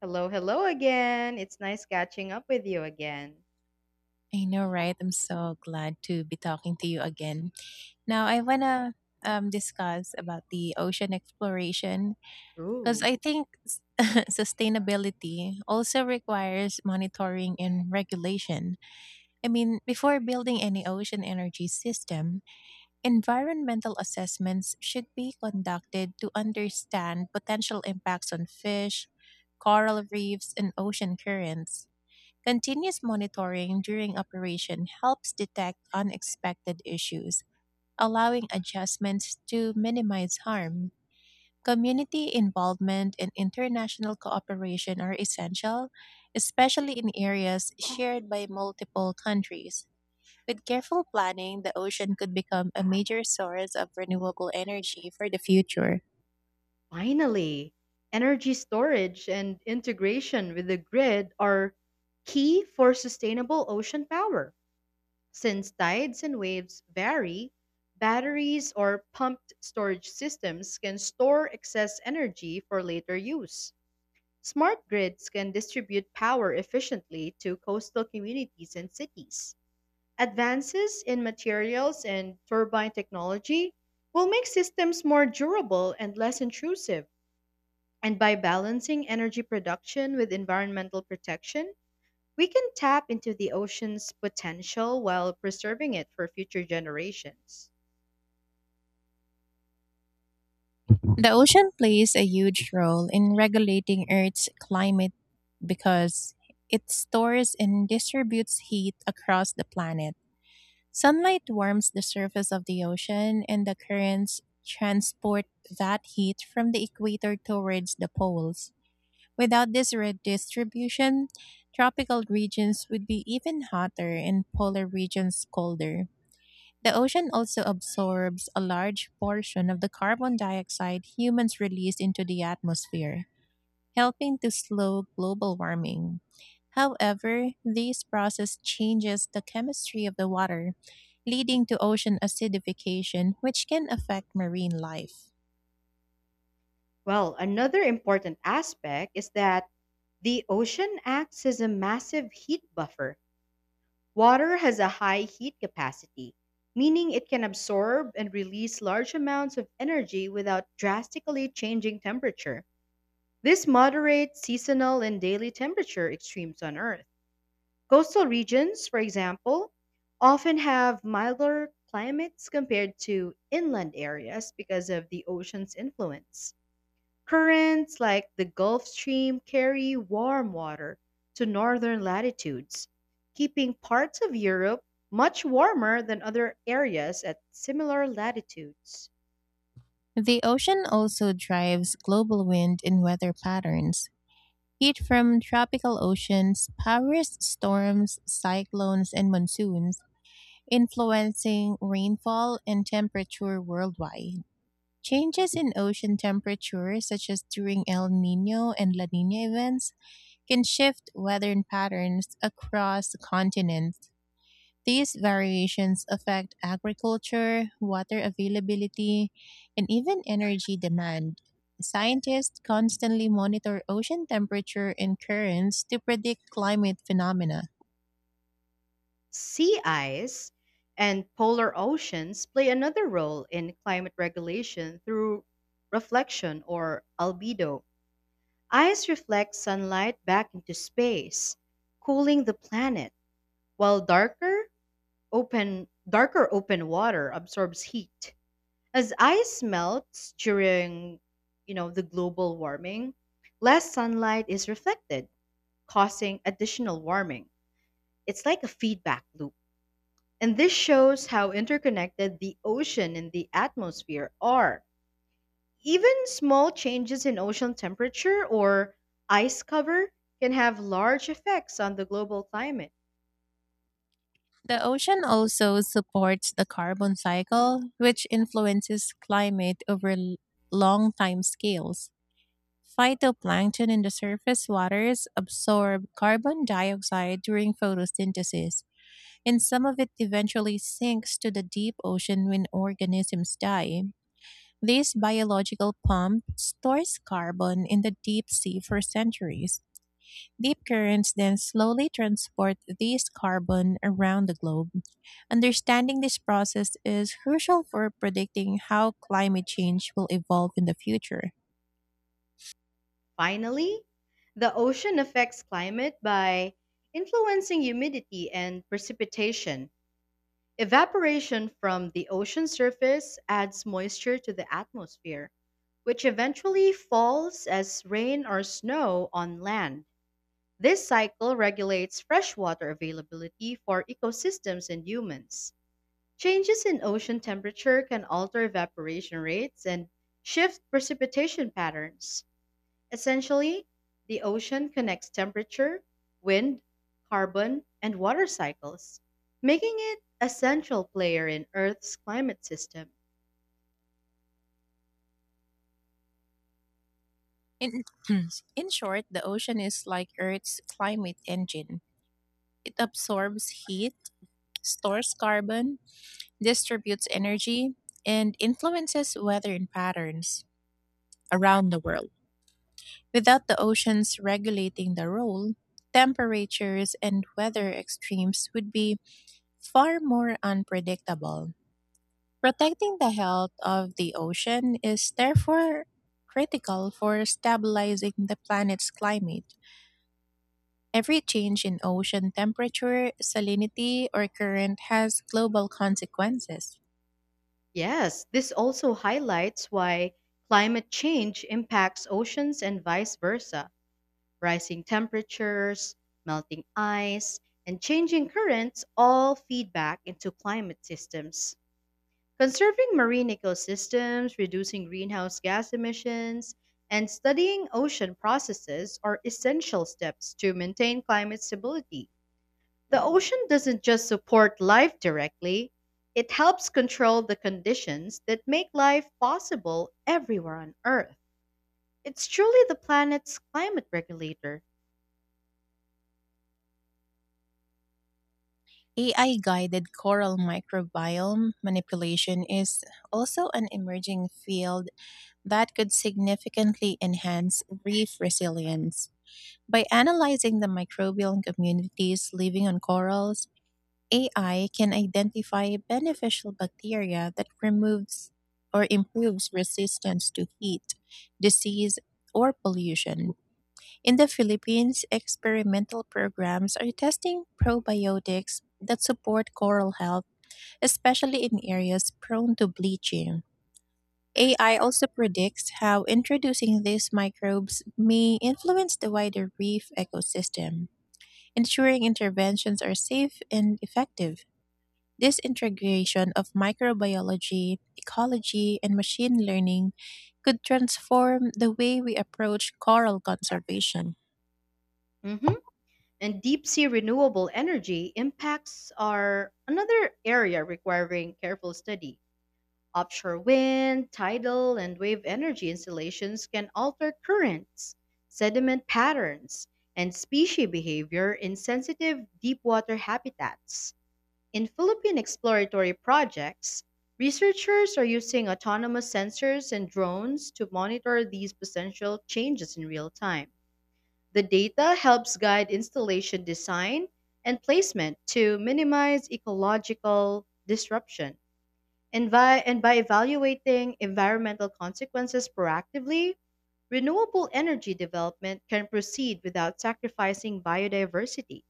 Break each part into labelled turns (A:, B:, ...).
A: Hello, hello again. It's nice catching up with you again.
B: I know, right? I'm so glad to be talking to you again. Now, I want to discuss about the ocean exploration because
A: Ooh,
B: I think sustainability also requires monitoring and regulation. I mean, before building any ocean energy system, environmental assessments should be conducted to understand potential impacts on fish, coral reefs, and ocean currents. Continuous monitoring during operation helps detect unexpected issues, allowing adjustments to minimize harm. Community involvement and international cooperation are essential, especially in areas shared by multiple countries. With careful planning, the ocean could become a major source of renewable energy for the future.
A: finally. Energy storage and integration with the grid are key for sustainable ocean power. Since tides and waves vary, batteries or pumped storage systems can store excess energy for later use. Smart grids can distribute power efficiently to coastal communities and cities. Advances in materials and turbine technology will make systems more durable and less intrusive. And by balancing energy production with environmental protection, we can tap into the ocean's potential while preserving it for future generations.
B: The ocean plays a huge role in regulating Earth's climate because it stores and distributes heat across the planet. Sunlight warms the surface of the ocean, and the currents transport that heat from the equator towards the poles. Without this redistribution, tropical regions would be even hotter and polar regions colder. The ocean also absorbs a large portion of the carbon dioxide humans release into the atmosphere, helping to slow global warming. However, this process changes the chemistry of the water, leading to ocean acidification, which can affect marine life.
A: Well, another important aspect is that the ocean acts as a massive heat buffer. Water has a high heat capacity, meaning it can absorb and release large amounts of energy without drastically changing temperature. This moderates seasonal and daily temperature extremes on Earth. Coastal regions, for example, often have milder climates compared to inland areas because of the ocean's influence. Currents like the Gulf Stream carry warm water to northern latitudes, keeping parts of Europe much warmer than other areas at similar latitudes.
B: The ocean also drives global wind and weather patterns. Heat from tropical oceans powers storms, cyclones, and monsoons, influencing rainfall and temperature worldwide. Changes in ocean temperature, such as during El Nino and La Nina events, can shift weather patterns across continents. These variations affect agriculture, water availability, and even energy demand. Scientists constantly monitor ocean temperature and currents to predict climate phenomena.
A: Sea ice and polar oceans play another role in climate regulation through reflection or albedo. Ice reflects sunlight back into space, cooling the planet, while darker open water absorbs heat. As ice melts during, the global warming, less sunlight is reflected, causing additional warming. It's like a feedback loop. And this shows how interconnected the ocean and the atmosphere are. Even small changes in ocean temperature or ice cover can have large effects on the global climate.
B: The ocean also supports the carbon cycle, which influences climate over long time scales. Phytoplankton in the surface waters absorb carbon dioxide during photosynthesis, and some of it eventually sinks to the deep ocean when organisms die. This biological pump stores carbon in the deep sea for centuries. Deep currents then slowly transport this carbon around the globe. Understanding this process is crucial for predicting how climate change will evolve in the future.
A: Finally, the ocean affects climate by influencing humidity and precipitation. Evaporation from the ocean surface adds moisture to the atmosphere, which eventually falls as rain or snow on land. This cycle regulates freshwater availability for ecosystems and humans. Changes in ocean temperature can alter evaporation rates and shift precipitation patterns. Essentially, the ocean connects temperature, wind, carbon, and water cycles, making it a central player in Earth's climate system.
B: In, in short, the ocean is like Earth's climate engine. It absorbs heat, stores carbon, distributes energy, and influences weather and patterns around the world. Without the oceans regulating the role, temperatures and weather extremes would be far more unpredictable. Protecting the health of the ocean is therefore critical for stabilizing the planet's climate. Every change in ocean temperature, salinity, or current has global consequences.
A: Yes, this also highlights why climate change impacts oceans and vice versa. Rising temperatures, melting ice, and changing currents all feed back into climate systems. Conserving marine ecosystems, reducing greenhouse gas emissions, and studying ocean processes are essential steps to maintain climate stability. The ocean doesn't just support life directly, it helps control the conditions that make life possible everywhere on Earth. It's truly the planet's climate regulator.
B: AI guided coral microbiome manipulation is also an emerging field that could significantly enhance reef resilience. By analyzing the microbial communities living on corals, AI can identify beneficial bacteria that removes or improves resistance to heat, disease, or pollution. In the Philippines, experimental programs are testing probiotics that support coral health, especially in areas prone to bleaching. AI also predicts how introducing these microbes may influence the wider reef ecosystem, ensuring interventions are safe and effective. This integration of microbiology, ecology, and machine learning could transform the way we approach coral conservation.
A: Mhm. And deep sea renewable energy impacts are another area requiring careful study. Offshore wind, tidal, and wave energy installations can alter currents, sediment patterns, and species behavior in sensitive deepwater habitats. In Philippine exploratory projects, researchers are using autonomous sensors and drones to monitor these potential changes in real time. The data helps guide installation design and placement to minimize ecological disruption. And by evaluating environmental consequences proactively, renewable energy development can proceed without sacrificing biodiversity.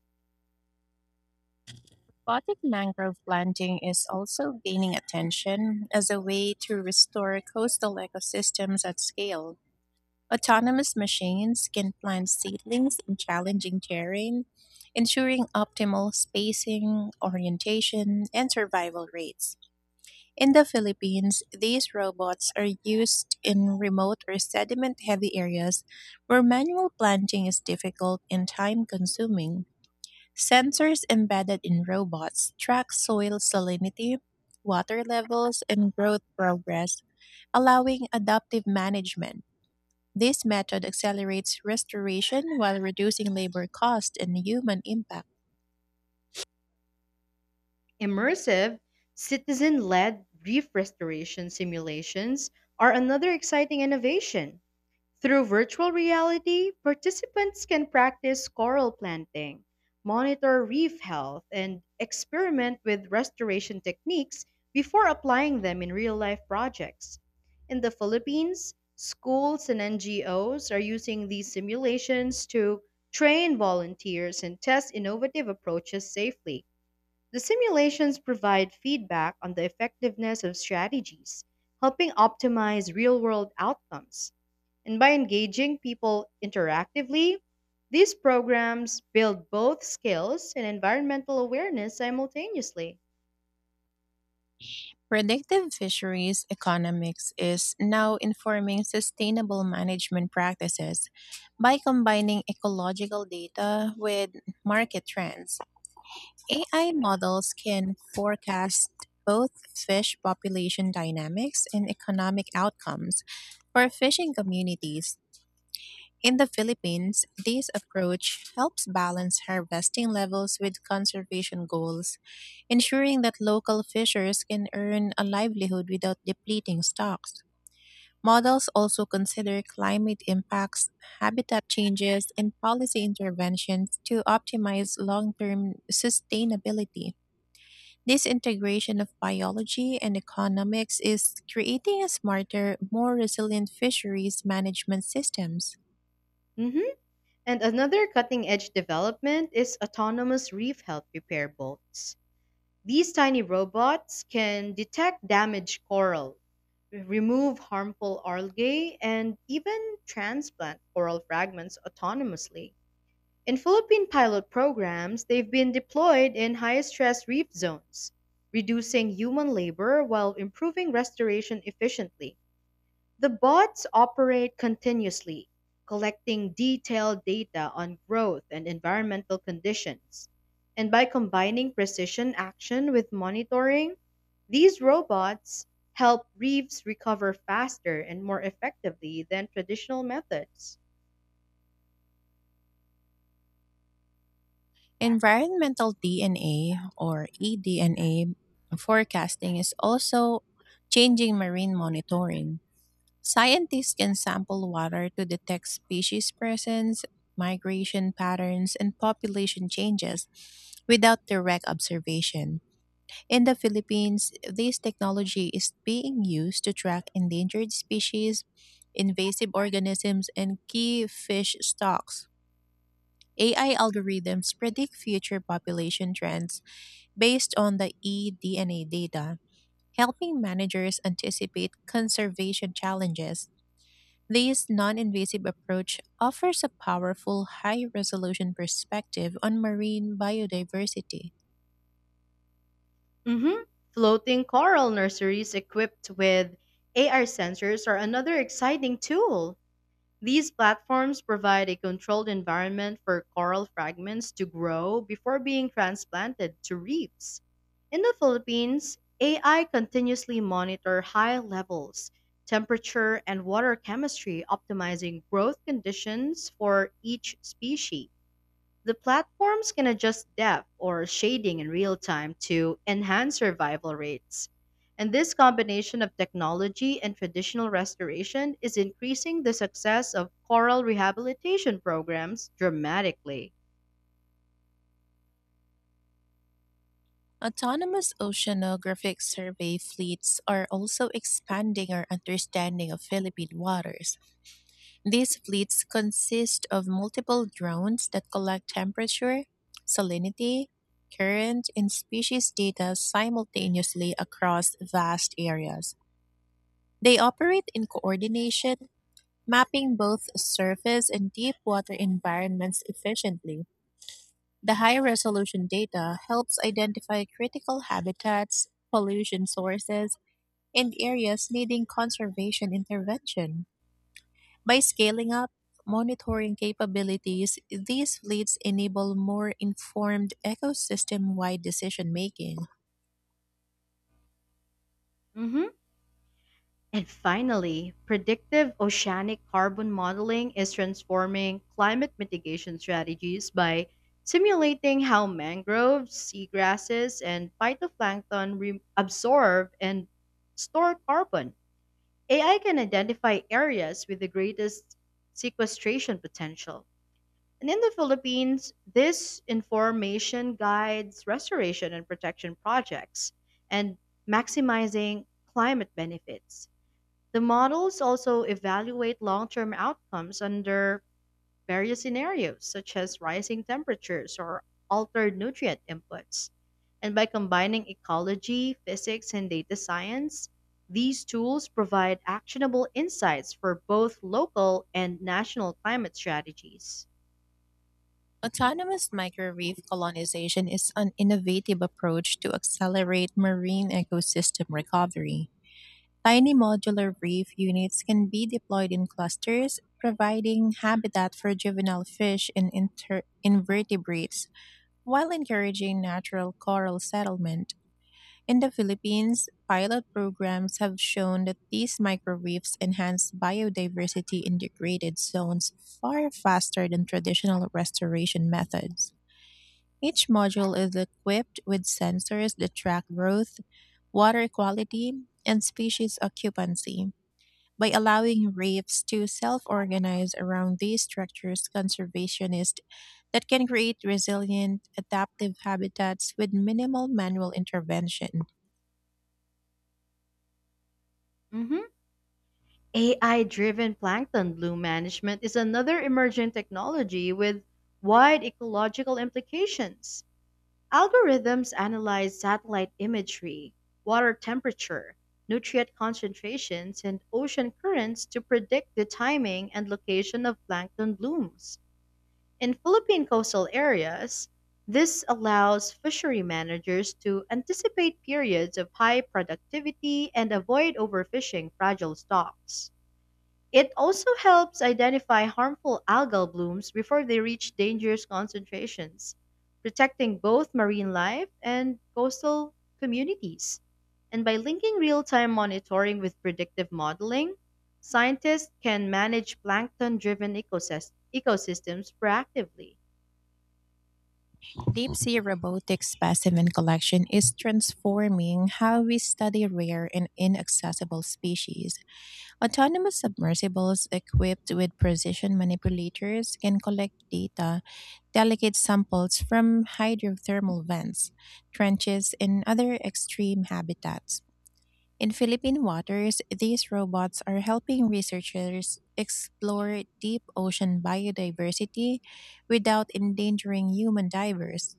B: Robotic mangrove planting is also gaining attention as a way to restore coastal ecosystems at scale. Autonomous machines can plant seedlings in challenging terrain, ensuring optimal spacing, orientation, and survival rates. In the Philippines, these robots are used in remote or sediment heavy areas where manual planting is difficult and time consuming. Sensors embedded in robots track soil salinity, water levels, and growth progress, allowing adaptive management. This method accelerates restoration while reducing labor cost and human impact.
A: Immersive, citizen led reef restoration simulations are another exciting innovation. Through virtual reality, participants can practice coral planting, monitor reef health, and experiment with restoration techniques before applying them in real life projects. In the Philippines, schools and NGOs are using these simulations to train volunteers and test innovative approaches safely. The simulations provide feedback on the effectiveness of strategies, helping optimize real world outcomes. And by engaging people interactively, these programs build both skills and environmental awareness simultaneously.
B: Predictive fisheries economics is now informing sustainable management practices by combining ecological data with market trends. AI models can forecast both fish population dynamics and economic outcomes for fishing communities. In the Philippines, this approach helps balance harvesting levels with conservation goals, ensuring that local fishers can earn a livelihood without depleting stocks. Models also consider climate impacts, habitat changes, and policy interventions to optimize long term sustainability. This integration of biology and economics is creating a smarter, more resilient fisheries management systems.
A: Mhm. And another cutting edge development is autonomous reef health repair boats. These tiny robots can detect damaged coral, remove harmful algae, and even transplant coral fragments autonomously. In Philippine pilot programs, they've been deployed in high-stress reef zones, reducing human labor while improving restoration efficiently. The bots operate continuously, collecting detailed data on growth and environmental conditions. And by combining precision action with monitoring, these robots help reefs recover faster and more effectively than traditional methods.
B: Environmental DNA or eDNA forecasting is also changing marine monitoring. Scientists can sample water to detect species presence, migration patterns, and population changes without direct observation. In the Philippines, this technology is being used to track endangered species, invasive organisms, and key fish stocks. AI algorithms predict future population trends based on the eDNA data, helping managers anticipate conservation challenges. This non invasive approach offers a powerful, high resolution perspective on marine biodiversity.
A: Hmm. Floating coral nurseries equipped with AR sensors are another exciting tool. These platforms provide a controlled environment for coral fragments to grow before being transplanted to reefs. In the Philippines, AI continuously monitor high levels, temperature, and water chemistry, optimizing growth conditions for each species. The platforms can adjust depth or shading in real time to enhance survival rates. And this combination of technology and traditional restoration is increasing the success of coral rehabilitation programs dramatically.
B: Autonomous oceanographic survey fleets are also expanding our understanding of Philippine waters. These fleets consist of multiple drones that collect temperature, salinity, current, and species data simultaneously across vast areas. They operate in coordination, mapping both surface and deep water environments efficiently. The high resolution data helps identify critical habitats, pollution sources, and areas needing conservation intervention. By scaling up monitoring capabilities, these fleets enable more informed ecosystem wide decision making.
A: Mhm. And finally, predictive oceanic carbon modeling is transforming climate mitigation strategies by simulating how mangroves, seagrasses, and absorb and store carbon. AI can identify areas with the greatest sequestration potential. And in the Philippines, this information guides restoration and protection projects and maximizing climate benefits. The models also evaluate long term outcomes under various scenarios, such as rising temperatures or altered nutrient inputs. And by combining ecology, physics, and data science, these tools provide actionable insights for both local and national climate strategies.
B: Autonomous microreef colonization is an innovative approach to accelerate marine ecosystem recovery. Tiny modular reef units can be deployed in clusters, providing habitat for juvenile fish and invertebrates while encouraging natural coral settlement. In the Philippines, pilot programs have shown that these microreefs enhance biodiversity in degraded zones far faster than traditional restoration methods. Each module is equipped with sensors that track growth, water quality, and species occupancy. By allowing reefs to self-organize around these structures, conservationists that can create resilient, adaptive habitats with minimal manual intervention.
A: AI driven plankton bloom management is another emerging technology with wide ecological implications. Algorithms analyze satellite imagery, water temperature, nutrient concentrations, and ocean currents to predict the timing and location of plankton blooms. In Philippine coastal areas, this allows fishery managers to anticipate periods of high productivity and avoid overfishing fragile stocks. It also helps identify harmful algal blooms before they reach dangerous concentrations, protecting both marine life and coastal communities. And by linking real time monitoring with predictive modeling, scientists can manage plankton driven ecosystems proactively.
B: Deep sea robotic specimen collection is transforming how we study rare and inaccessible species. Autonomous submersibles equipped with precision manipulators can collect data, delicate samples from hydrothermal vents, trenches, and other extreme habitats. In Philippine waters, these robots are helping researchers explore deep ocean biodiversity without endangering human divers.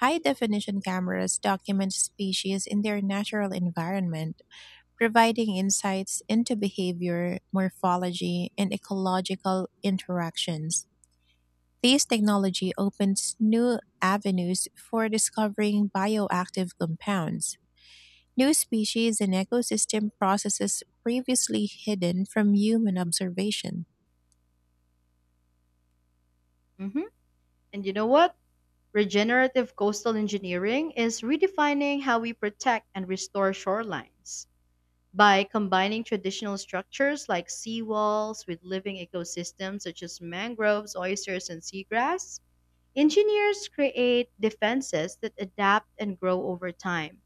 B: High definition cameras document species in their natural environment, providing insights into behavior, morphology, and ecological interactions. These technology opens new avenues for discovering bioactive compounds, new species, and ecosystem processes previously hidden from human observation.
A: Mhm. And you know what? Regenerative coastal engineering is redefining how we protect and restore shorelines. By combining traditional structures like seawalls with living ecosystems such as mangroves, oysters, and seagrass, engineers create defenses that adapt and grow over time.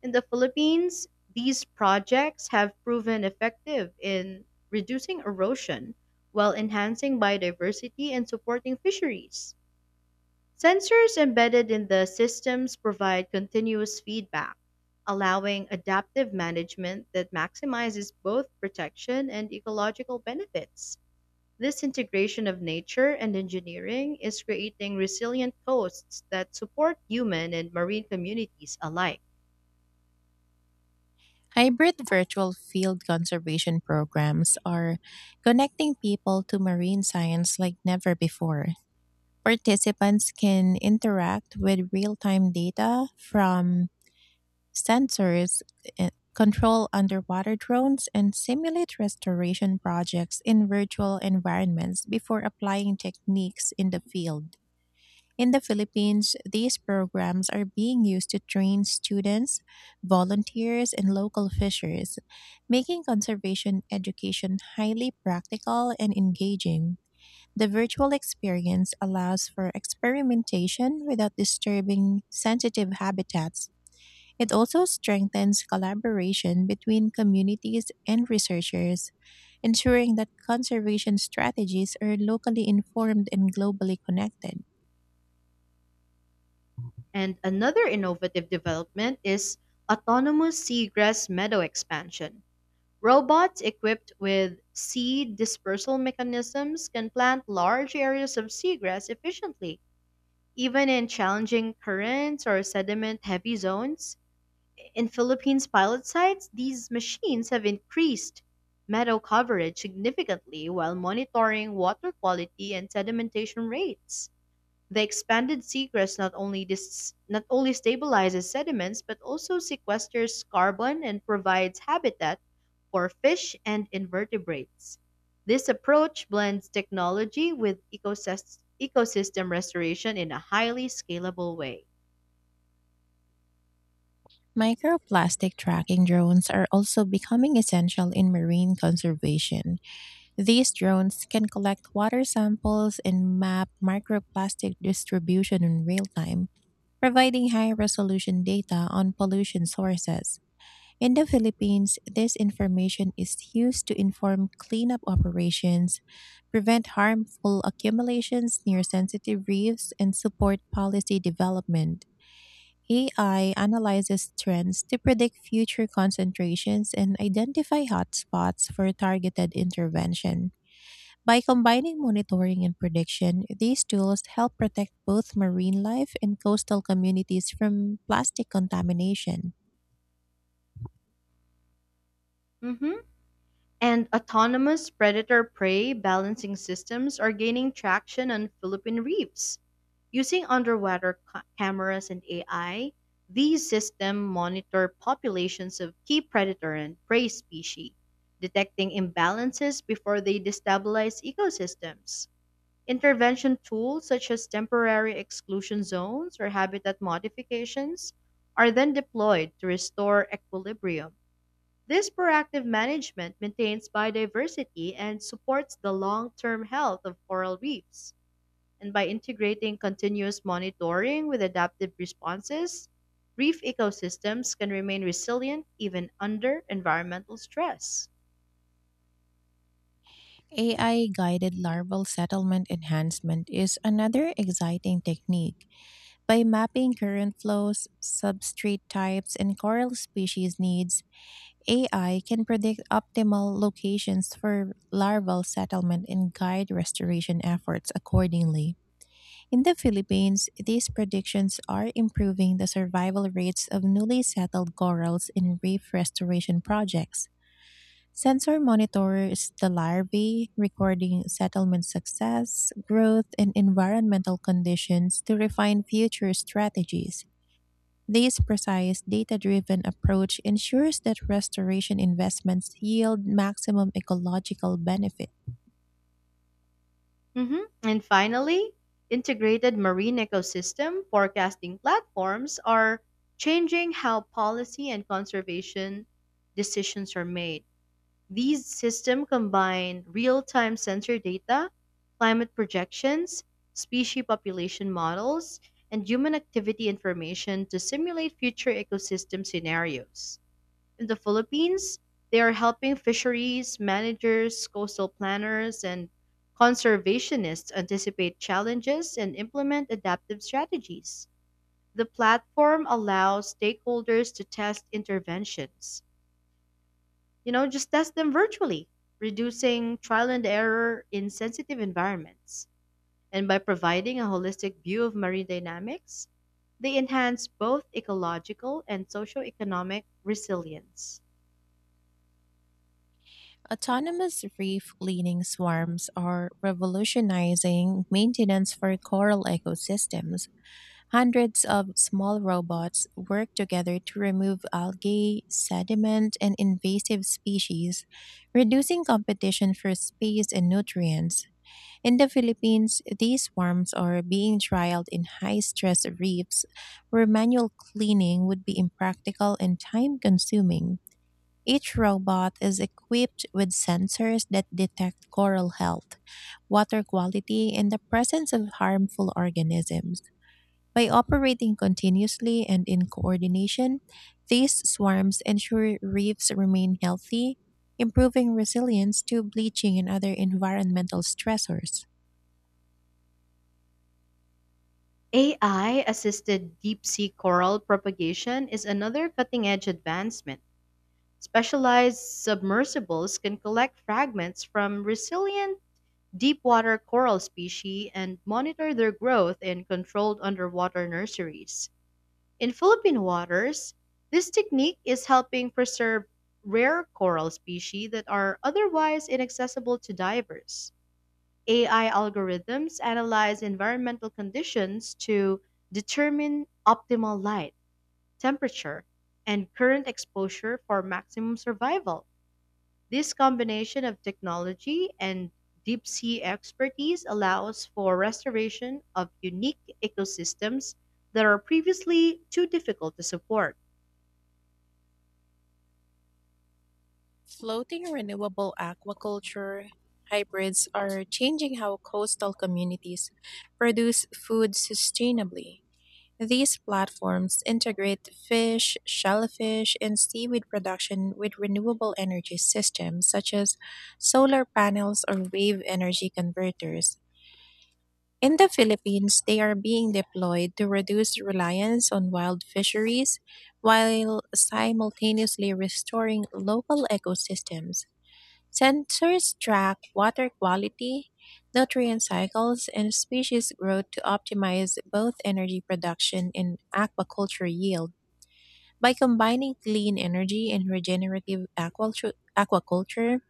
A: In the Philippines, these projects have proven effective in reducing erosion while enhancing biodiversity and supporting fisheries. Sensors embedded in the systems provide continuous feedback, allowing adaptive management that maximizes both protection and ecological benefits. This integration of nature and engineering is creating resilient coasts that support human and marine communities alike.
B: Hybrid virtual field conservation programs are connecting people to marine science like never before. Participants can interact with real time data from sensors, uh, control underwater drones, and simulate restoration projects in virtual environments before applying techniques in the field. In the Philippines, these programs are being used to train students, volunteers, and local fishers, making conservation education highly practical and engaging. The virtual experience allows for experimentation without disturbing sensitive habitats. It also strengthens collaboration between communities and researchers, ensuring that conservation strategies are locally informed and globally connected.
A: And another innovative development is autonomous seagrass meadow expansion. Robots equipped with seed dispersal mechanisms can plant large areas of seagrass efficiently, even in challenging currents or sediment heavy zones. In Philippines pilot sites, these machines have increased meadow coverage significantly while monitoring water quality and sedimentation rates. The expanded seagrass not only stabilizes sediments but also sequesters carbon and provides habitat for fish and invertebrates. This approach blends technology with ecosystem restoration in a highly scalable way.
B: Microplastic tracking drones are also becoming essential in marine conservation. These drones can collect water samples and map microplastic distribution in real time, providing high resolution data on pollution sources. In the Philippines, this information is used to inform cleanup operations, prevent harmful accumulations near sensitive reefs, and support policy development. AI analyzes trends to predict future concentrations and identify hotspots for targeted intervention. By combining monitoring and prediction, these tools help protect both marine life and coastal communities from plastic contamination.
A: Mhm. And autonomous predator prey balancing systems are gaining traction on Philippine reefs. Using underwater cameras and AI, these systems monitor populations of key predator and prey species, detecting imbalances before they destabilize ecosystems. Intervention tools such as temporary exclusion zones or habitat modifications are then deployed to restore equilibrium. This proactive management maintains biodiversity and supports the long-term health of coral reefs. And by integrating continuous monitoring with adaptive responses, reef ecosystems can remain resilient even under environmental stress.
B: AI guided larval settlement enhancement is another exciting technique. By mapping current flows, substrate types, and coral species needs, AI can predict optimal locations for larval settlement and guide restoration efforts accordingly. In the Philippines, these predictions are improving the survival rates of newly settled corals in reef restoration projects. Sensor monitors the larvae, recording settlement success, growth, and environmental conditions to refine future strategies. This precise, data driven approach ensures that restoration investments yield maximum ecological benefit.
A: Mhm. And finally, integrated marine ecosystem forecasting platforms are changing how policy and conservation decisions are made. These systems combine real-time sensor data, climate projections, species population models, and human activity information to simulate future ecosystem scenarios. In the Philippines, they are helping fisheries managers, coastal planners, and conservationists anticipate challenges and implement adaptive strategies. The platform allows stakeholders to test interventions, just test them virtually, reducing trial and error in sensitive environments. And by providing a holistic view of marine dynamics, they enhance both ecological and socioeconomic resilience.
B: Autonomous reef cleaning swarms are revolutionizing maintenance for coral ecosystems. Hundreds of small robots work together to remove algae, sediment, and invasive species, reducing competition for space and nutrients. In the Philippines, these swarms are being trialed in high stress reefs where manual cleaning would be impractical and time consuming. Each robot is equipped with sensors that detect coral health, water quality, and the presence of harmful organisms. By operating continuously and in coordination, these swarms ensure reefs remain healthy, improving resilience to bleaching and other environmental stressors.
A: AI assisted deep sea coral propagation is another cutting edge advancement. Specialized submersibles can collect fragments from resilient deepwater coral species and monitor their growth in controlled underwater nurseries. In Philippine waters, this technique is helping preserve rare coral species that are otherwise inaccessible to divers. AI algorithms analyze environmental conditions to determine optimal light, temperature, and current exposure for maximum survival. This combination of technology and deep sea expertise allows for restoration of unique ecosystems that are previously too difficult to support.
B: Floating renewable aquaculture hybrids are changing how coastal communities produce food sustainably. These platforms integrate fish, shellfish, and seaweed production with renewable energy systems such as solar panels or wave energy converters. In the Philippines, they are being deployed to reduce reliance on wild fisheries while simultaneously restoring local ecosystems. Sensors track water quality, nutrient cycles, and species growth to optimize both energy production and aquaculture yield. By combining clean energy and regenerative aquaculture,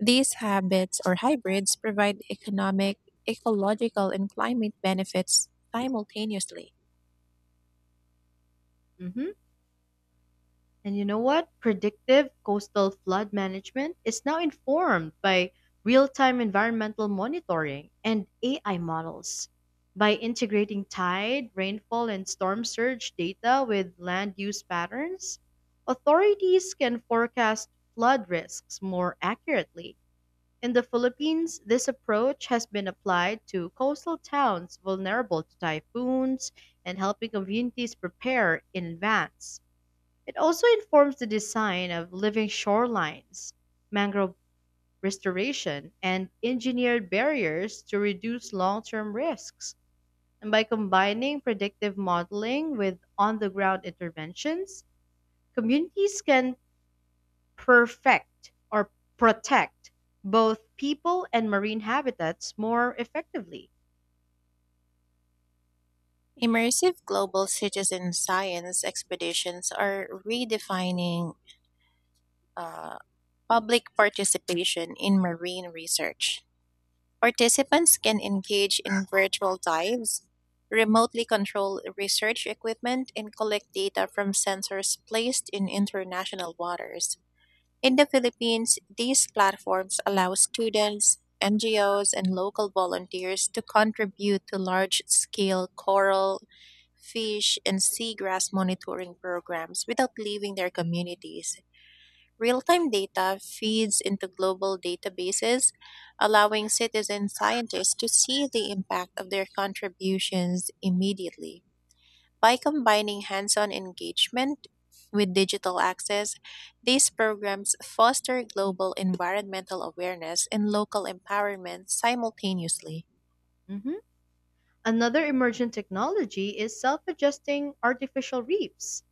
B: these habits or hybrids provide economic, ecological, and climate benefits simultaneously.
A: Hmm. And you know what? Predictive coastal flood management is now informed by real time environmental monitoring and AI models. By integrating tide, rainfall, and storm surge data with land use patterns, authorities can forecast flood risks more accurately. In the Philippines, this approach has been applied to coastal towns vulnerable to typhoons and helping communities prepare in advance. It also informs the design of living shorelines, mangrove restoration, and engineered barriers to reduce long term risks. And by combining predictive modeling with on the ground interventions, communities can perfect or protect both people and marine habitats more effectively.
B: Immersive global citizen science expeditions are redefining uh, public participation in marine research. Participants can engage in virtual dives, remotely control research equipment, and collect data from sensors placed in international waters. In the Philippines, these platforms allow students, NGOs, and local volunteers to contribute to large scale coral, fish, and seagrass monitoring programs without leaving their communities. Real time data feeds into global databases, allowing citizen scientists to see the impact of their contributions immediately. By combining hands on engagement with digital access, these programs foster global environmental awareness and local empowerment simultaneously.
A: Mhm. Another emergent technology is self adjusting artificial reefs.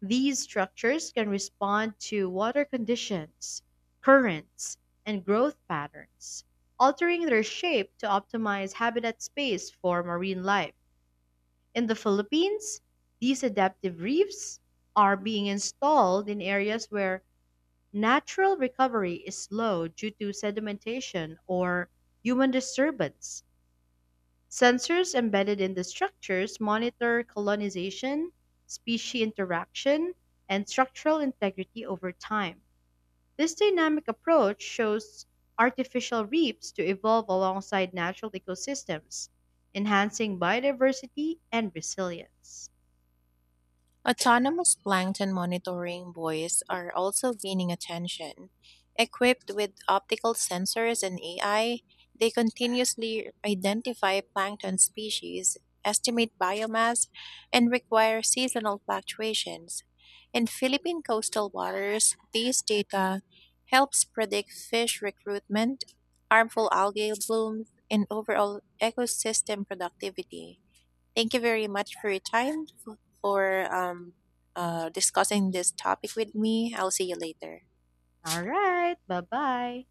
A: These structures can respond to water conditions, currents, and growth patterns, altering their shape to optimize habitat space for marine life. In the Philippines, these adaptive reefs are being installed in areas where natural recovery is slow due to sedimentation or human disturbance. Sensors embedded in the structures monitor colonization, species interaction, and structural integrity over time. This dynamic approach shows artificial reefs to evolve alongside natural ecosystems, enhancing biodiversity and resilience.
B: Autonomous plankton monitoring buoys are also gaining attention. Equipped with optical sensors and AI, they continuously identify plankton species, estimate biomass, and require seasonal fluctuations. In Philippine coastal waters, these data helps predict fish recruitment, harmful algae blooms, and overall ecosystem productivity. Thank you very much for your time for discussing this topic with me. I'll see you later.
A: All right, bye bye.